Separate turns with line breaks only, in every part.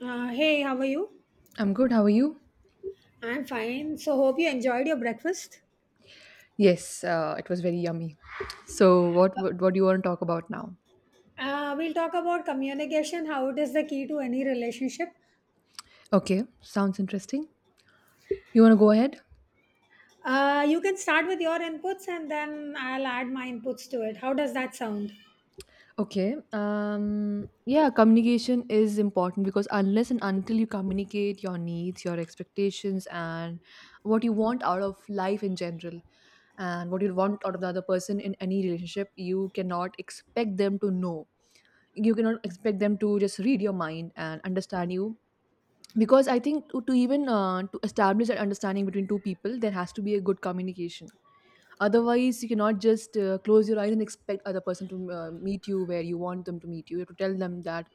Hey, how are you?
I'm good. How are you?
I'm fine. So, hope you enjoyed your breakfast.
Yes, it was very yummy. So, what do you want to talk about now?
We'll talk about communication, how it is the key to any relationship.
Okay, sounds interesting. You want to go ahead?
You can start with your inputs and then I'll add my inputs to it. How does that sound?
Okay. Um. Yeah, communication is important because unless and until you communicate your needs, your expectations, and what you want out of life in general, and what you want out of the other person in any relationship, you cannot expect them to know. You cannot expect them to just read your mind and understand you because I think to even to establish that understanding between two people, there has to be a good communication. Otherwise, you cannot just close your eyes and expect other person to meet you where you want them to meet you. You have to tell them that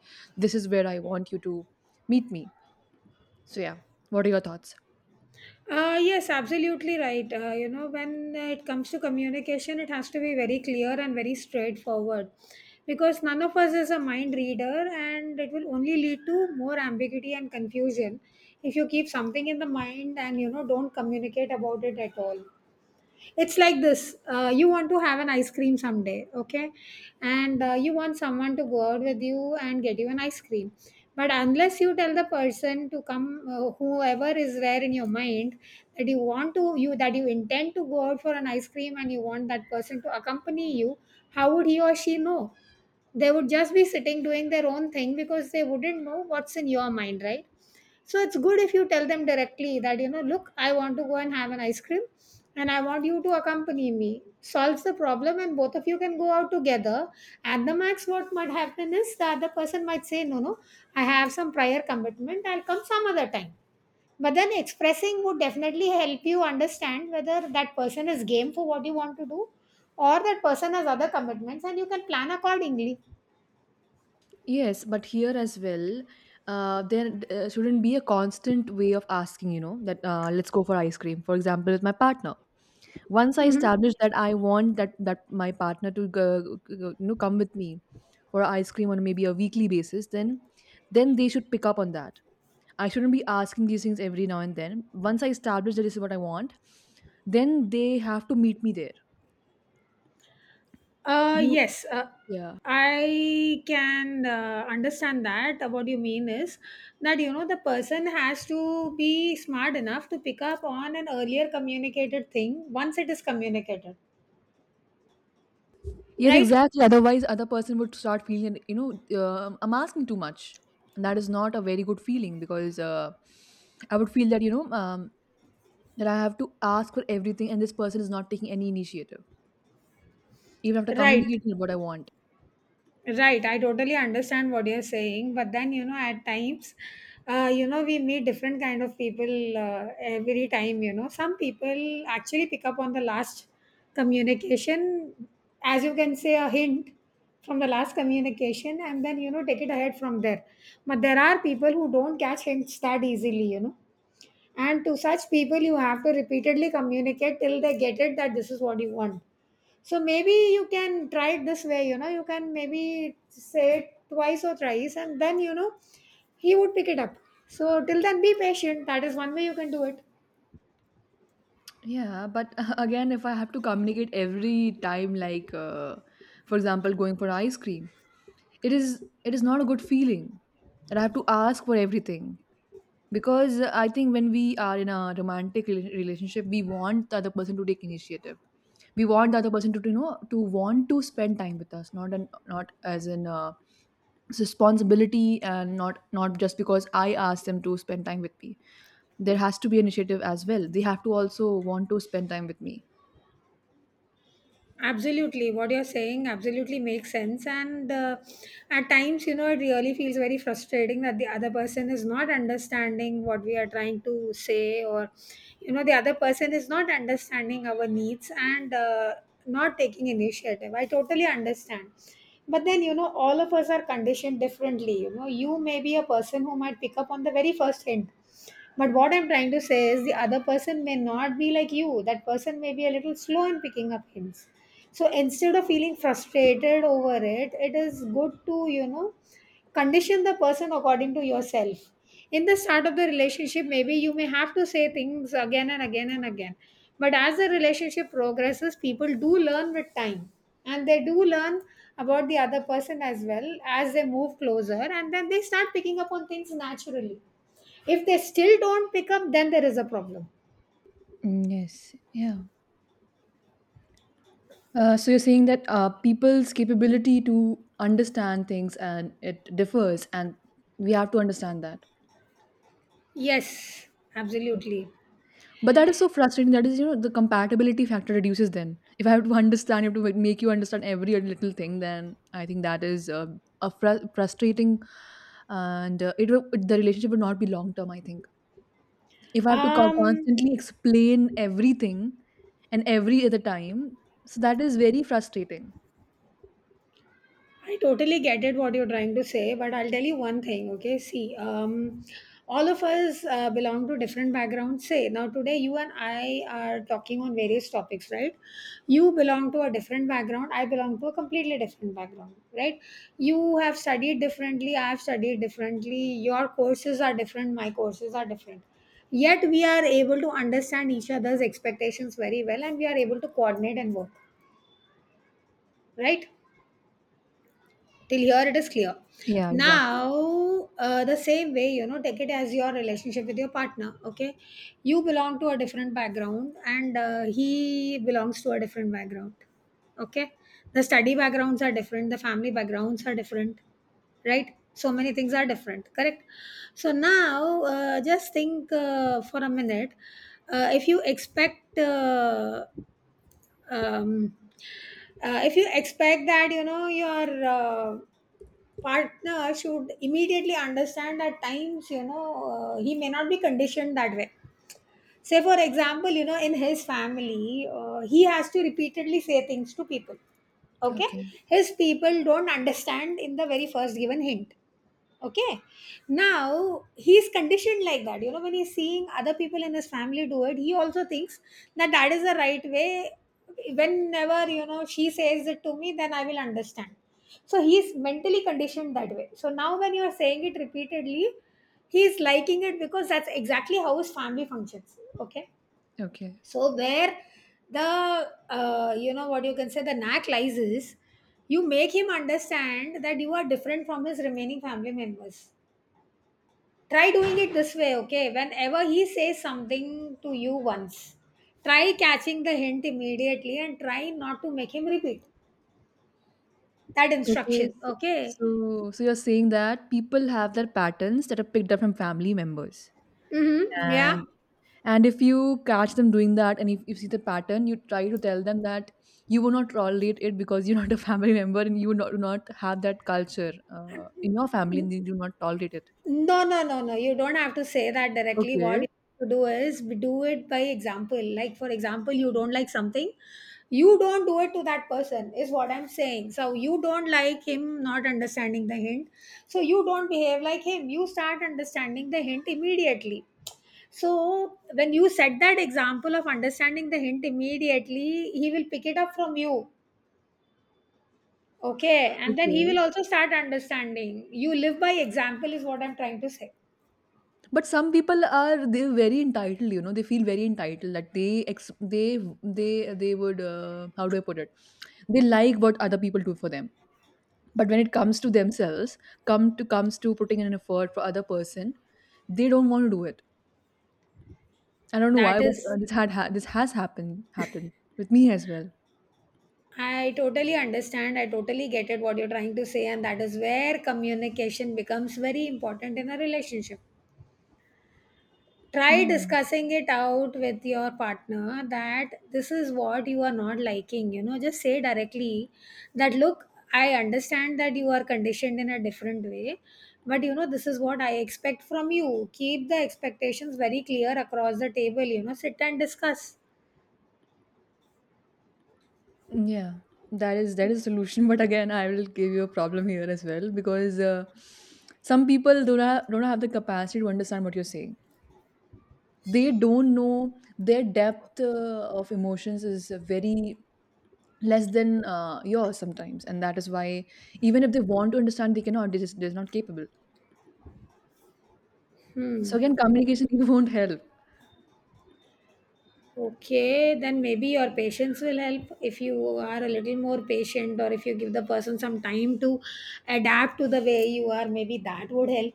this is where I want you to meet me. So yeah, what are your thoughts?
Yes, absolutely right. You know, when it comes to communication, it has to be very clear and very straightforward because none of us is a mind reader and it will only lead to more ambiguity and confusion if you keep something in the mind and, you know, don't communicate about it at all. It's like this. You want to have an ice cream someday, okay, and you want someone to go out with you and get you an ice cream, but unless you tell the person to come, whoever is there in your mind, that you want to you that you intend to go out for an ice cream and you want that person to accompany you, how would he or she know? They would just be sitting doing their own thing because they wouldn't know what's in your mind, right? So it's good if you tell them directly that, you know, look, I want to go and have an ice cream and I want you to accompany me. Solves the problem and both of you can go out together. At the max, what might happen is that the other person might say, no, no, I have some prior commitment, I'll come some other time. But then expressing would definitely help you understand whether that person is game for what you want to do or that person has other commitments and you can plan accordingly.
Yes, but here as well, there shouldn't be a constant way of asking, you know, that let's go for ice cream, for example, with my partner. Once I
Mhm.
establish that I want that my partner to go, you know, come with me for ice cream on maybe a weekly basis, then they should pick up on that. I shouldn't be asking these things every now and then. Once I establish that this is what I want, then they have to meet me there.
Uh,
Do
yes, uh,
yeah.
I can understand that. What you mean is that, you know, the person has to be smart enough to pick up on an earlier communicated thing once it is communicated,
Yes,
right?
exactly. Otherwise, other person would start feeling, you know, I'm asking too much, and that is not a very good feeling because I would feel that, you know, that I have to ask for everything, and this person is not taking any initiative, even after
Right.
communicating what I want.
Right, I totally understand what you're saying, but then, you know, at times, you know, we meet different kind of people every time. You know, some people actually pick up on the last communication, as you can say, a hint from the last communication, and then, you know, take it ahead from there. But there are people who don't catch hints that easily. You know, and to such people, you have to repeatedly communicate till they get it that this is what you want. So maybe you can try it this way, you know, you can maybe say it twice or thrice and then, you know, he would pick it up. So till then, be patient. That is one way you can do it.
Yeah, but again, if I have to communicate every time, like for example, going for ice cream, it is not a good feeling that I have to ask for everything because I think when we are in a romantic relationship, we want the other person to take initiative. We want the other person to know to want to spend time with us, not an, not as in responsibility, and not just because I asked them to spend time with me. There has to be initiative as well. They have to also want to spend time with me.
Absolutely, what you're saying absolutely makes sense. And at times, you know, it really feels very frustrating that the other person is not understanding what we are trying to say, or, you know, the other person is not understanding our needs and not taking initiative. I totally understand. But then, you know, all of us are conditioned differently. You know, you may be a person who might pick up on the very first hint. But what I'm trying to say is the other person may not be like you. That person may be a little slow in picking up hints, so instead of feeling frustrated over it, it is good to, you know, condition the person according to yourself. In the start of the relationship, maybe you may have to say things again and again and again, but as the relationship progresses, people do learn with time, and they do learn about the other person as well as they move closer, and then they start picking up on things naturally. If they still don't pick up, then there is a problem.
Yes, yeah. So you're saying that people's capability to understand things and it differs, and we have to understand that.
Yes, absolutely.
But that is so frustrating. That is, you know, the compatibility factor reduces then. If I have to understand, if to make you understand every little thing, then I think that is frustrating, and it will, the relationship would not be long term, I think. If I have to
um
constantly explain everything and every other time, so that is very frustrating.
I totally get it what you're trying to say, but I'll tell you one thing, okay? See, all of us belong to different backgrounds. Say, now today you and I are talking on various topics, right? You belong to a different background, I belong to a completely different background, right? You have studied differently, I have studied differently, your courses are different, my courses are different. Yet we are able to understand each other's expectations very well and we are able to coordinate and work, right? Till here it is clear.
Yeah, exactly.
Now, the same way, you know, take it as your relationship with your partner, okay? You belong to a different background and he belongs to a different background, okay? The study backgrounds are different, the family backgrounds are different, right? So many things are different, correct? So now, just think for a minute, uh, if you expect uh, um, if you expect that, you know, your partner should immediately understand. At times, you know, he may not be conditioned that way. Say, for example, you know, in his family, he has to repeatedly say things to people. Okay.
Okay,
His people don't understand in the very first given hint. Okay. Now, he's conditioned like that. You know, when he's seeing other people in his family do it, he also thinks that that is the right way. Whenever, you know, she says it to me, then I will understand. So he's mentally conditioned that way. So now, when you're saying it repeatedly, he's liking it because that's exactly how his family functions, okay?
okay.
So where the, you know, what you can say, the knack lies is you make him understand that you are different from his remaining family members. Try doing it this way, okay? Whenever he says something to you once, try catching the hint immediately and try not to make him repeat that
Okay,
instruction,
s-
okay?
so so you're saying that people have their patterns that are picked up from family members,
Mm-hmm. Yeah.
and and if you catch them doing that, and if you see the pattern, you try to tell them that you will not tolerate it because you're not a family member, and you not, do not have that culture in your family, and you do not tolerate it.
No, no, no, no. You don't have to say that directly. What
Okay.
you have to do is do it by example. Like, for example, you don't like something, you don't do it to that person, is what I'm saying. So, you don't like him not understanding the hint. So, you don't behave like him. You start understanding the hint immediately. So, when you set that example of understanding the hint immediately, he will pick it up from you. Okay. And then he will
Okay.
also start understanding. You live by example, is what I'm trying to say.
But some people are, they very entitled, you know, they feel very entitled that they they they would how do I put it, they like what other people do for them, but when it comes to themselves, come to comes to putting in an effort for other person, they don't want to do it. I don't know
That
why, but
is
this has happened with me as well.
I totally understand. I totally get it what you're trying to say, and that is where communication becomes very important in a relationship. Try
Yeah.
discussing it out with your partner that this is what you are not liking. You know, just say directly that look, I understand that you are conditioned in a different way, but you know, this is what I expect from you. Keep the expectations very clear across the table, you know, sit and discuss.
Yeah, that is a solution but again I will give you a problem here as well because some people don't have the capacity to understand what you're saying. They don't know, their depth of emotions is very less than yours sometimes, and that is why even if they want to understand, they cannot. They're, just, they're not capable.
Hmm.
So again
Okay.
communication won't help.
Okay, then maybe your patience will help if you are a little more patient or if you give the person some time to adapt to the way you are, maybe that would help.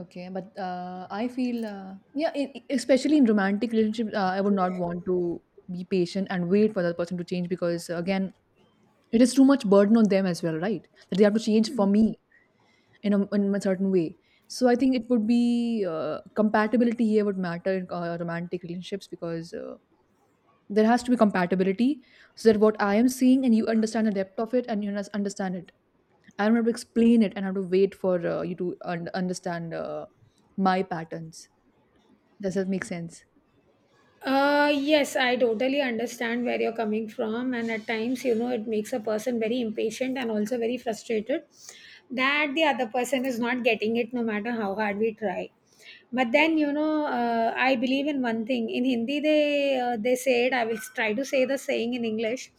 Okay, but I feel yeah, especially in romantic relationships, I would not want to be patient and wait for that person to change because again, it is too much burden on them as well, right, that they have to change for me in a certain way. So I think it would be compatibility here would matter in romantic relationships because there has to be compatibility, so that what I am seeing and you understand the depth of it and you understand it. I don't have to explain it and have to wait for you to understand my patterns. Does that make sense?
Yes, I totally understand where you're coming from, and at times, you know, it makes a person very impatient and also very frustrated that the other person is not getting it no matter how hard we try. But then, you know, I believe in one thing. In Hindi, they said, I will try to say the saying in English,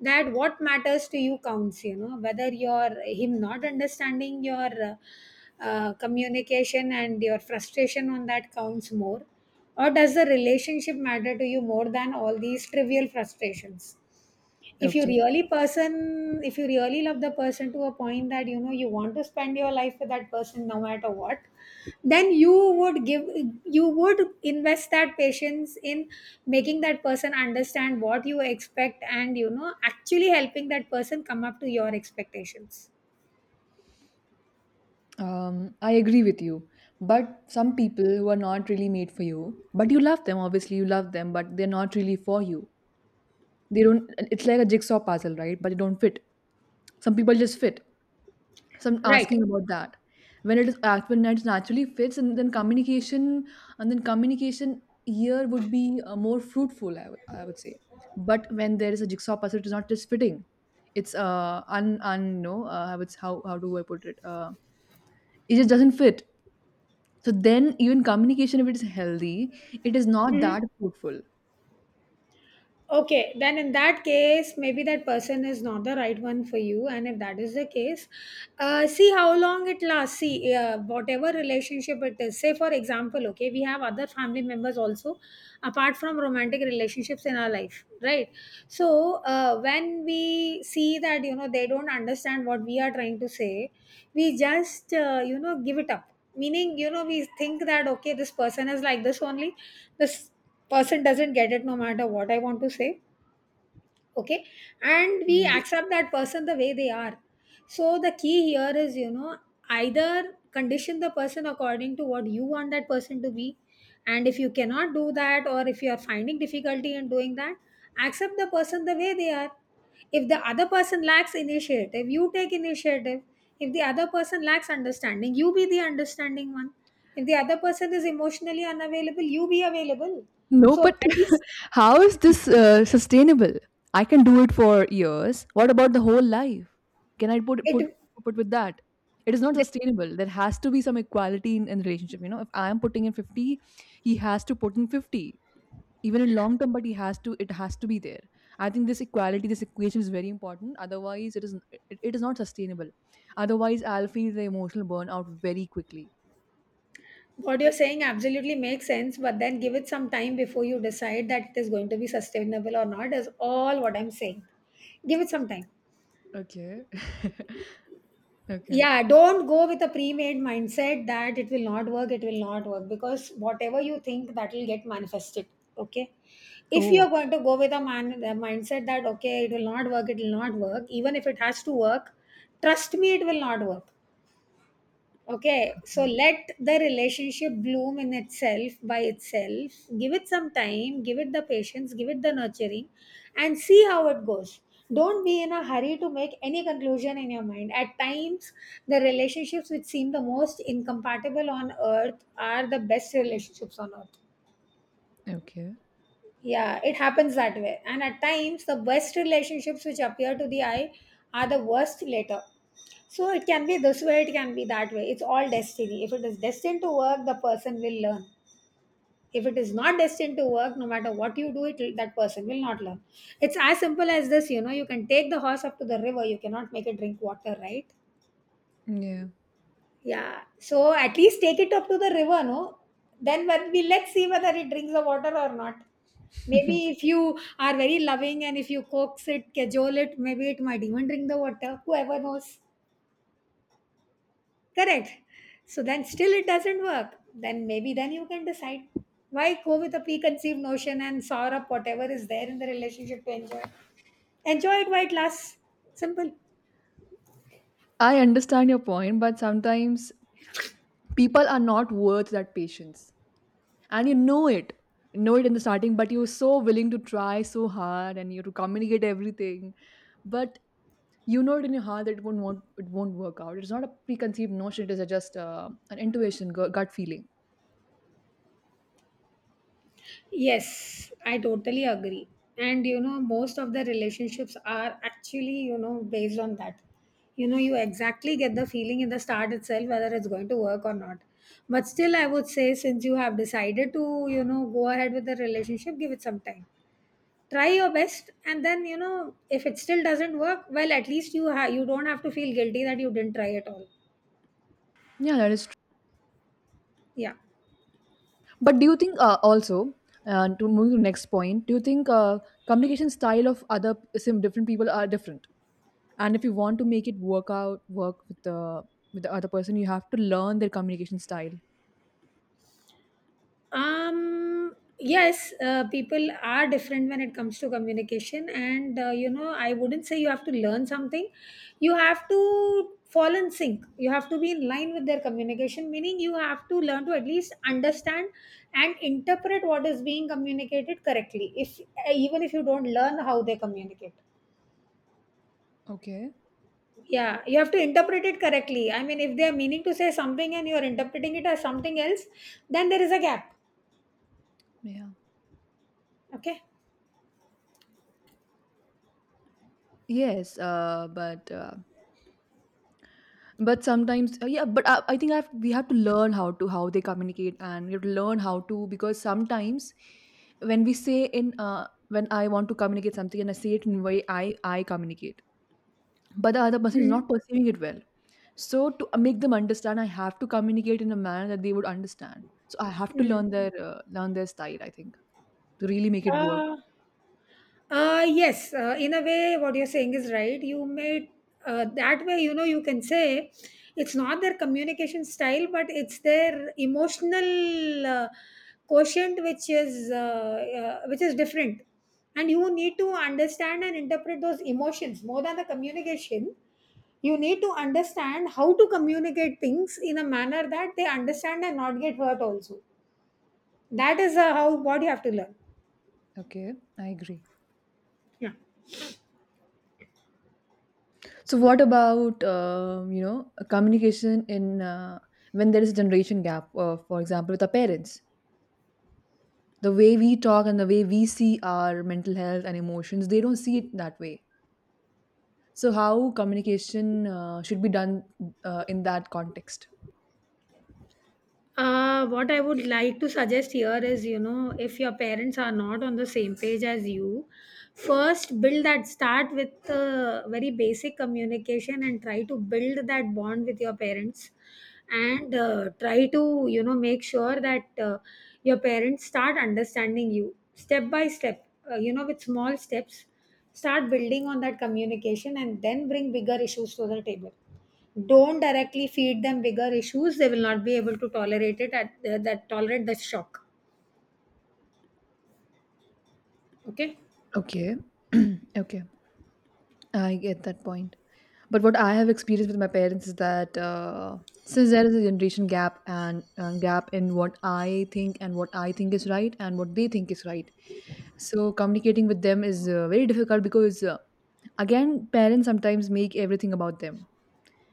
that what matters to you counts. You know, whether you're him not understanding your communication and your frustration on that counts more, or does the relationship matter to you more than all these trivial frustrations?
Okay.
If you really love the person to a point that, you know, you want to spend your life with that person no matter what, then you would invest that patience in making that person understand what you expect and, you know, actually helping that person come up to your expectations.
I agree with you. But some people who are not really made for you, but you love them, obviously, you love them, but they're not really for you. They don't, it's like a jigsaw puzzle, right? But they don't fit. Some people just fit. So I'm
Right.
asking about that. When it is act when it naturally fits, and then communication here would be more fruitful. I would say. But when there is a jigsaw puzzle, it is not just fitting. It's un un no. I would how do I put it? It just doesn't fit. So then even communication, if it is healthy, it is not
Mhm.
that fruitful.
Okay, then in that case, maybe that person is not the right one for you. And if that is the case, see how long it lasts. See, whatever relationship it is. Say, for example, okay, we have other family members also, apart from romantic relationships in our life, right? So, when we see that, you know, they don't understand what we are trying to say, we just, you know, give it up. Meaning, you know, we think that, okay, this person is like this only. This person doesn't get it no matter what I want to say. Okay. And we
Yeah.
accept that person the way they are. So the key here is either condition the person according to what you want that person to be, and if you cannot do that or if you are finding difficulty in doing that, accept the person the way they are. If the other person lacks initiative, you take initiative. If the other person lacks understanding, you be the understanding one. If the other person is emotionally unavailable, you be available.
No,
So
but
at least
how is this sustainable? I can do it for years. What about the whole life? Can I put put
it
put with that? It is not
then
sustainable. There has to be some equality in relationship. You know, if I am putting in 50, he has to put in 50, even in long term. But he has to. It has to be there. I think this equality, this equation is very important. Otherwise, it is not sustainable. Otherwise, I'll feel the emotional burnout very quickly.
what you're saying absolutely makes sense, but then give it some time before you decide that it is going to be sustainable or not is all what I'm saying. Give it some time.
Okay. okay.
Yeah, don't go with a pre-made mindset that it will not work, it will not work, because whatever you think, that will get manifested. Okay. If
Oh.
you're going to go with a man a mindset that okay, it will not work, it will not work, even if it has to work, trust me, it will not work. Okay, so let the relationship bloom in itself, by itself. Give it some time, give it the patience, give it the nurturing, and see how it goes. Don't be in a hurry to make any conclusion in your mind. At times, the relationships which seem the most incompatible on earth are the best relationships on earth.
Okay.
Yeah, it happens that way. And at times, the best relationships which appear to the eye are the worst later. So it can be this way, it can be that way. It's all destiny. If it is destined to work, the person will learn. If it is not destined to work, no matter what you do, it that person will not learn. It's as simple as this, you know. You can take the horse up to the river, you cannot make it drink water, right?
Yeah.
Yeah, so at least take it up to the river, no? Then when we let's see whether it drinks the water or not. Maybe if you are very loving and if you coax it, cajole it, maybe it might even drink the water. Whoever knows, correct. So then still it doesn't work. Then maybe then you can decide. Why go with a preconceived notion and sour up whatever is there in the relationship to enjoy? Enjoy it while it lasts. Simple.
I understand your point, but sometimes people are not worth that patience. And you know it. You know it in the starting, but you're so willing to try so hard and you to communicate everything. But you know it in your heart that it won't, want, it won't work out. It's not a preconceived notion, it is a just an intuition, gut feeling.
Yes, I totally agree. And you know, most of the relationships are actually, you know, based on that. You know, you exactly get the feeling in the start itself whether it's going to work or not. But still, I would say, since you have decided to, you know, go ahead with the relationship, give it some time. Try your best, and then, you know, if it still doesn't work, well, at least you don't have to feel guilty that you didn't try at all.
Yeah, that is true.
Yeah.
But do you think also, and to move to the next point, do you think communication style of other sim different people are different? And if you want to make it work out work with the other person, you have to learn their communication style.
Yes, people are different when it comes to communication, and you know, I wouldn't say you have to learn something. You have to fall in sync, you have to be in line with their communication, meaning you have to learn to at least understand and interpret what is being communicated correctly. If even if you don't learn how they communicate,
Okay.
yeah, you have to interpret it correctly. I mean, if they are meaning to say something and you are interpreting it as something else, then there is a gap.
Yeah.
Okay.
Yes, but but sometimes yeah, but we have to learn how to how they communicate, and we have to learn how to because sometimes when we say in when I want to communicate something, and I say it in way I communicate, but the other person is not perceiving it well, so to make them understand, I have to communicate in a manner that they would understand. So I have to
Mhm.
learn their style, I think, to really make it work.
uh, yes, in a way, what you're saying is right. You made That way, you know, you can say it's not their communication style, but it's their emotional quotient, which is different. And you need to understand and interpret those emotions more than the communication. You need to understand how to communicate things in a manner that they understand and not get hurt. Also, that is how what you have to learn.
Okay, I agree.
Yeah.
So, what about you know, a communication in when there is a generation gap? For example, with our parents, the way we talk and the way we see our mental health and emotions, they don't see it that way. So, how communication should be done in that context?
What I would like to suggest here is, you know, if your parents are not on the same page as you, first build that, start with very basic communication and try to build that bond with your parents, and try to, you know, make sure that your parents start understanding you step by step, you know, with small steps. Start building on that communication and then bring bigger issues to the table. Don't directly feed them bigger issues, they will not be able to tolerate it at that tolerate the shock. Okay.
Okay, okay, I get that point. But what I have experienced with my parents is that since there is a generation gap and gap in what I think and what I think is right and what they think is right, so communicating with them is very difficult because again, parents sometimes make everything about them,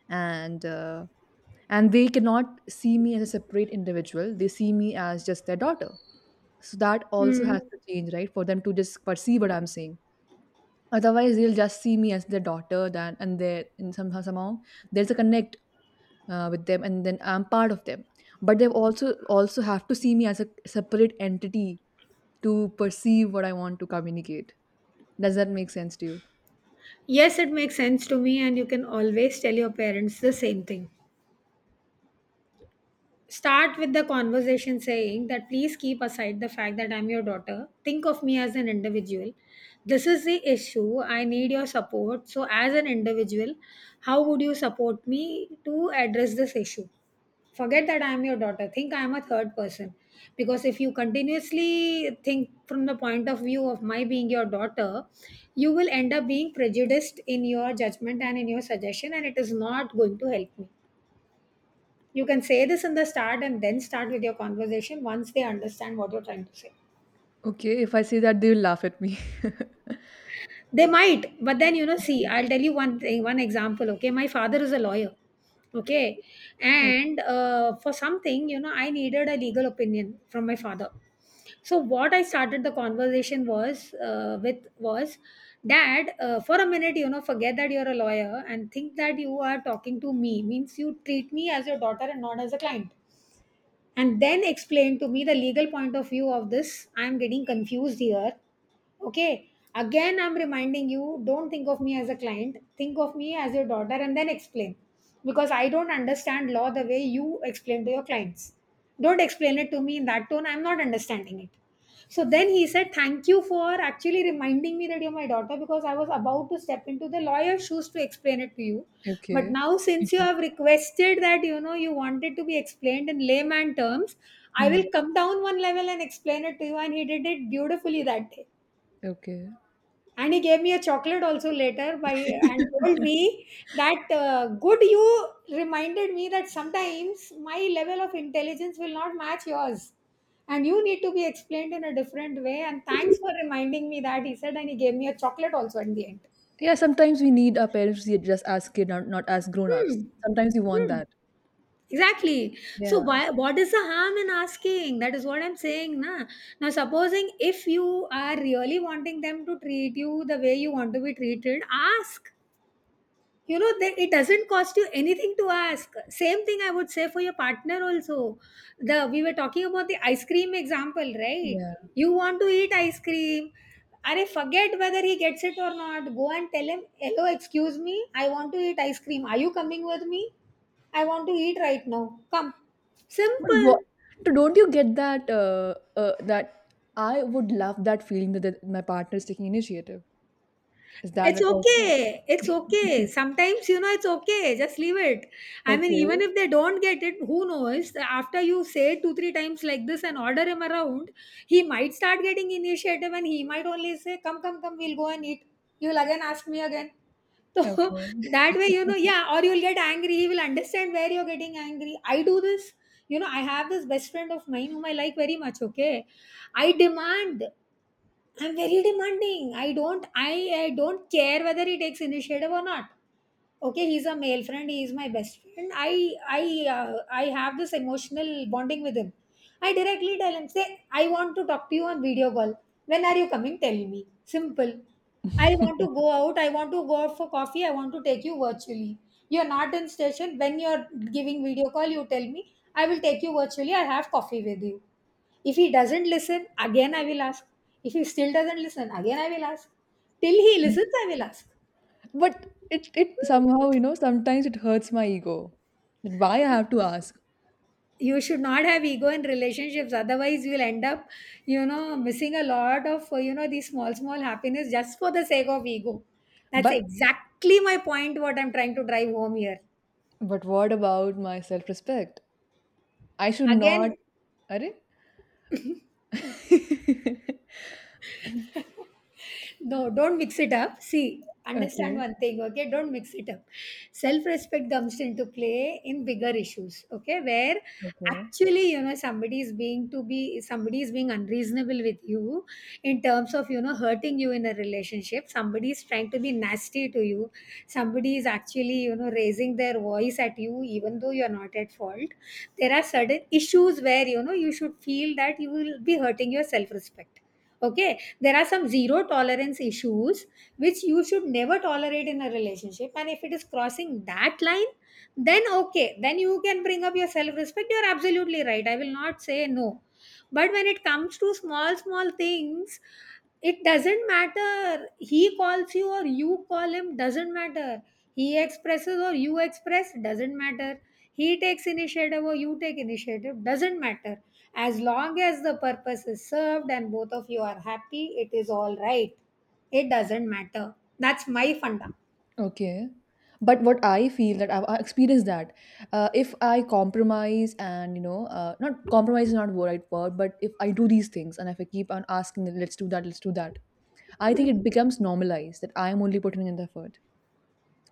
and uh, and they cannot see me as a separate individual. They see me as just their daughter. So that also
Mm.
has to change, right? For them to just perceive what I'm saying. Otherwise, they'll just see me as their daughter. Then and they and somehow there's a connect with them, and then I'm part of them, but they also also have to see me as a separate entity to perceive what I want to communicate. Does that make sense to you?
Yes, it makes sense to me, and you can always tell your parents the same thing. Start with the conversation saying that please keep aside the fact that I'm your daughter. Think of me as an individual. This is the issue. I need your support. So, as an individual, how would you support me to address this issue? Forget that I am your daughter. Think I am a third person. Because if you continuously think from the point of view of my being your daughter, you will end up being prejudiced in your judgment and in your suggestion, and it is not going to help me. You can say this in the start and then start with your conversation once they understand what you're trying to say.
Okay, if I say that, they'll laugh at me.
They might, but then you know, see, I'll tell you one thing, one example. Okay, my father is a lawyer. Okay,
O-
and for something, you know, I needed a legal opinion from my father. So what I started the conversation was with was, Dad, for a minute, you know, forget that you're a lawyer and think that you are talking to me. Means you treat me as your daughter and not as a client, and then explain to me the legal point of view of this. I'm getting confused here. Okay, again, I'm reminding you, don't think of me as a client, think of me as your daughter, and then explain, because I don't understand law the way you explain to your clients. Don't explain it to me in that tone, I'm not understanding it. So then he said, thank you for actually reminding me that you're my daughter, because I was about to step into the lawyer's shoes to explain it to you. But
okay.
now, since you have requested that, you know, you want it to be explained in layman terms, I will
Hmm,
come down one level and explain it to you. And he did it beautifully that day.
okay.
And he gave me a chocolate also later by and told me that good you reminded me that sometimes my level of intelligence will not match yours, and you need to be explained in a different way, and thanks for reminding me that, he said, and he gave me a chocolate also at the end.
Yeah, sometimes we need our parents to see it just as kid, not, not as
Hmm.
grown-ups. Sometimes we want
Hmm.
that.
Exactly. So
Yeah.
why what is the harm in asking? That is what I'm saying, na. Now supposing if you are really wanting them to treat you the way you want to be treated, ask. You know that it doesn't cost you anything to ask. Same thing I would say for your partner also. The We were talking about the ice cream example, right?
Yeah,
You want to eat ice cream. Are Forget whether he gets it or not. Go and tell him, hello, excuse me, I want to eat ice cream. Are you coming with me? I want to eat right now. Come.
but what,
Simple.
so don't you get that that I would love that feeling that, that my partner is taking initiative? Is that
It's
an also
okay. It's okay. Sometimes, you know, it's okay. Just leave it. I mean,
Okay.
even if they don't get it, who knows? After you say two, three times like this and order him around, he might start getting initiative and he might only say, come, come, come, we'll go and eat. You'll again ask me again. So
Okay.
that way, you know, yeah, or you'll get angry. He will understand where you're getting angry. I do this. You know, I have this best friend of mine whom I like very much, okay? I demand. I'm very demanding. I don't care whether he takes initiative or not. Okay, he's a male friend, he is my best friend. I have this emotional bonding with him. I directly tell him, say, I want to talk to you on video call, when are you coming, tell me. Simple. I want to go out, I want to go out for coffee, I want to take you virtually. You're not in station, when you're giving video call, you tell me, I will take you virtually, I have coffee with you. If he doesn't listen, again I will ask. If he still doesn't listen, again I will ask. Till he listens, I will ask.
But it somehow, you know, sometimes it hurts my ego. That why I have to ask.
You should not have ego in relationships, otherwise you'll end up, you know, missing a lot of you know, these small small happiness just for the sake of ego. That's
But
exactly my point, what I'm trying to drive home here.
but what about my self-respect? I should not
Again
are
No, don't mix it up. See, understand
Okay,
one thing, okay? Don't mix it up. Self respect comes into play in bigger issues, okay? Where
okay,
actually, you know, somebody is somebody is being unreasonable with you in terms of, you know, hurting you in a relationship. Somebody is trying to be nasty to you. Somebody is actually, raising their voice at you, even though you're not at fault. There are certain issues where, you should feel that you will be hurting your self respect, okay. There are some zero tolerance issues which you should never tolerate in a relationship, and if it is crossing that line, then okay, then you can bring up your self respect. You're absolutely right, I will not say no. But when it comes to small small things, it doesn't matter, he calls you or you call him, doesn't matter, he expresses or you express, doesn't matter, he takes initiative or you take initiative, doesn't matter. As long as the purpose is served and both of you are happy, it is all right. It doesn't matter. That's my funda.
okay. But what I feel that I've I experienced that if I compromise, and you know, not compromise is not the right word, but if I do these things and if I keep on asking, that, let's do that, let's do that, I think
Mm.
it becomes normalized that I am only putting in the effort.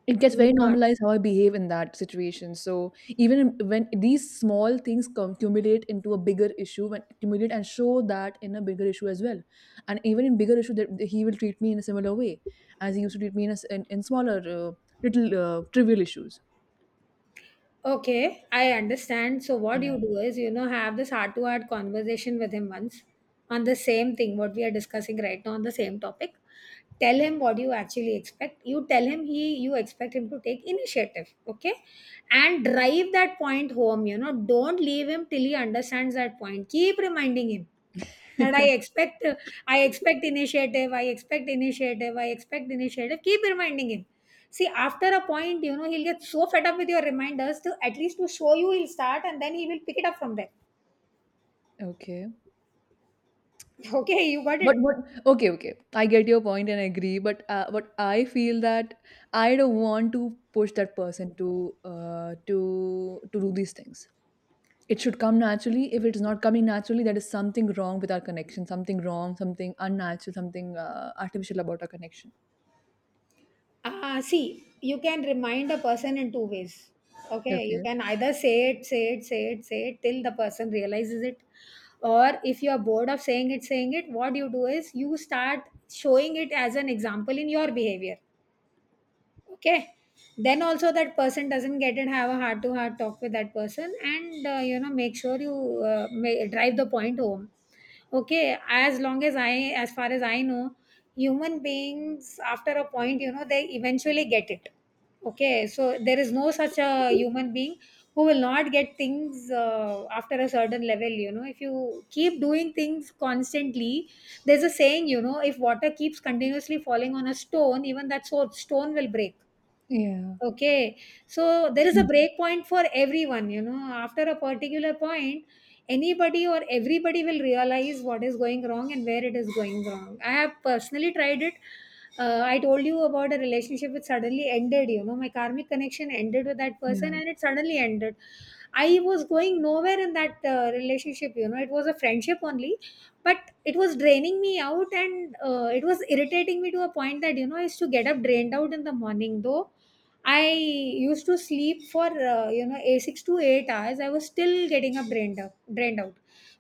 It gets very
Not.
normalized how I behave in that situation. So even in- when these small things come, accumulate into a bigger issue, when accumulate and show that in a bigger issue as well, and even in bigger issue, that he will treat me in a similar way as he used to treat me in a, s- in smaller little trivial issues.
Okay, I understand. So what you
Yeah.
do is, have this heart to heart conversation with him once, on the same thing what we are discussing right now, on the same topic. Tell him what you actually expect. You tell him he you expect him to take initiative, okay, and drive that point home, don't leave him till he understands that point. Keep reminding him that I expect, I expect initiative, I expect initiative, I expect initiative. Keep reminding him. See, after a point, he'll get so fed up with your reminders to at least to show you, he'll start, and then he will pick it up from there.
Okay.
Okay, you got
But
it?
what okay, okay. I get your point and I agree, but but I feel that I don't want to push that person to to do these things. It should come naturally. If it's not coming naturally, there is something wrong with our connection, something wrong, something unnatural, something artificial about our connection.
Ah, see, you can remind a person in two ways. Okay, you
Okay.
can either say it, say it, say it, say it till the person realizes it. Or if you are bored of saying it, what you do is, you start showing it as an example in your behavior. Okay, then also that person doesn't get it. Have a heart to heart talk with that person, and make sure you may drive the point home. Okay, as far as I know, human beings, after a point, they eventually get it. Okay, so there is no such a human being who will not get things after a certain level. You know, if you keep doing things constantly, there's a saying, if water keeps continuously falling on a stone, even that stone will break.
Yeah,
Okay, so there is a break point for everyone. After a particular point, anybody or everybody will realize what is going wrong and where it is going wrong. I have personally tried it. I told you about a relationship which suddenly ended. My karmic connection ended with that
yeah,
person and it suddenly ended. I was going nowhere in that relationship. It was a friendship only, but it was draining me out, and it was irritating me to a point that, I used to get up drained out in the morning, though I used to sleep for a 6 to 8 hours. I was still getting a brain out, drained out,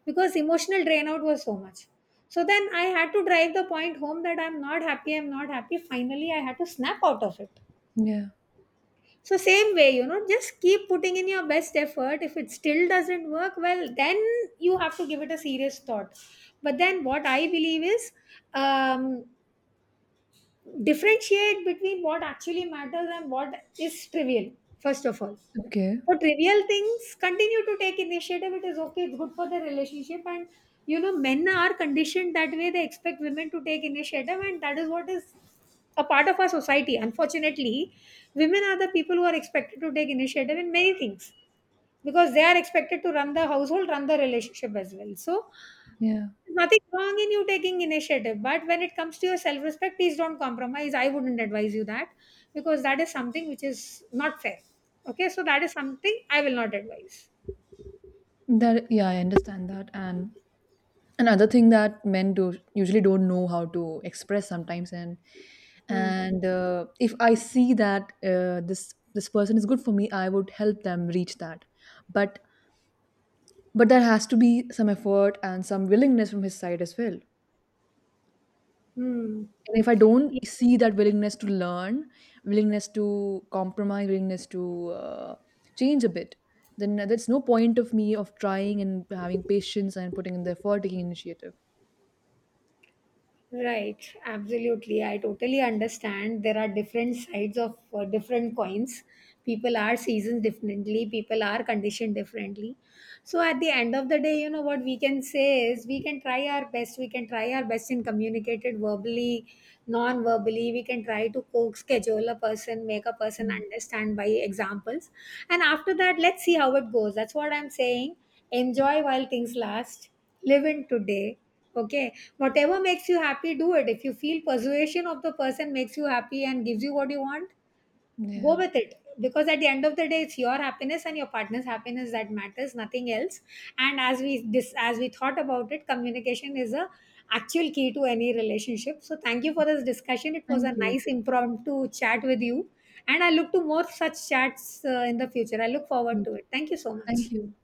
because emotional drain out was so much. So then I had to drive the point home that I'm not happy. I'm not happy. Finally, I had to snap out of it.
yeah.
So same way, just keep putting in your best effort. If it still doesn't work, well, then you have to give it a serious thought. But then what I believe is, um, differentiate between what actually matters and what is trivial. First of all,
Okay,
for trivial things, continue to take initiative. It is okay. It's good for the relationship. And, men are conditioned that way. They expect women to take initiative, and that is what is a part of our society. Unfortunately, women are the people who are expected to take initiative in many things, because they are expected to run the household, run the relationship as well. So,
yeah.
there's nothing wrong in you taking initiative. But when it comes to your self respect, please don't compromise. I wouldn't advise you that, because that is something which is not fair. Okay, so that is something I will not advise.
That yeah, I understand that. And another thing that men do usually don't know how to express sometimes,
Hmm.
and if I see that this person is good for me, I would help them reach that. But but there has to be some effort and some willingness from his side as well.
Hmm.
And if I don't see that willingness to learn, willingness to compromise, willingness to change a bit, then there's no point of me of trying and having patience and putting in the effort, taking initiative.
Right, absolutely. I totally understand. There are different sides of different coins. People are seasoned differently, people are conditioned differently. So, at the end of the day, what we can say is, we can try our best, we can try our best in communicated verbally, non verbally. We can try to coax, schedule a person, make a person
Mm.
understand by examples. And after that, let's see how it goes. That's what I'm saying. Enjoy while things last, live in today. Okay, whatever makes you happy, do it. If you feel persuasion of the person makes you happy and gives you what you want, go
Yeah.
with it. Because at the end of the day, it's your happiness and your partner's happiness that matters, nothing else. And as we thought about it, communication is a actual key to any relationship. So thank you for this discussion. It was
Thank
a
you.
nice impromptu chat with you, and I look to more such chats in the future. I look
Me
forward
too.
to it. Thank you so much.
Thank you.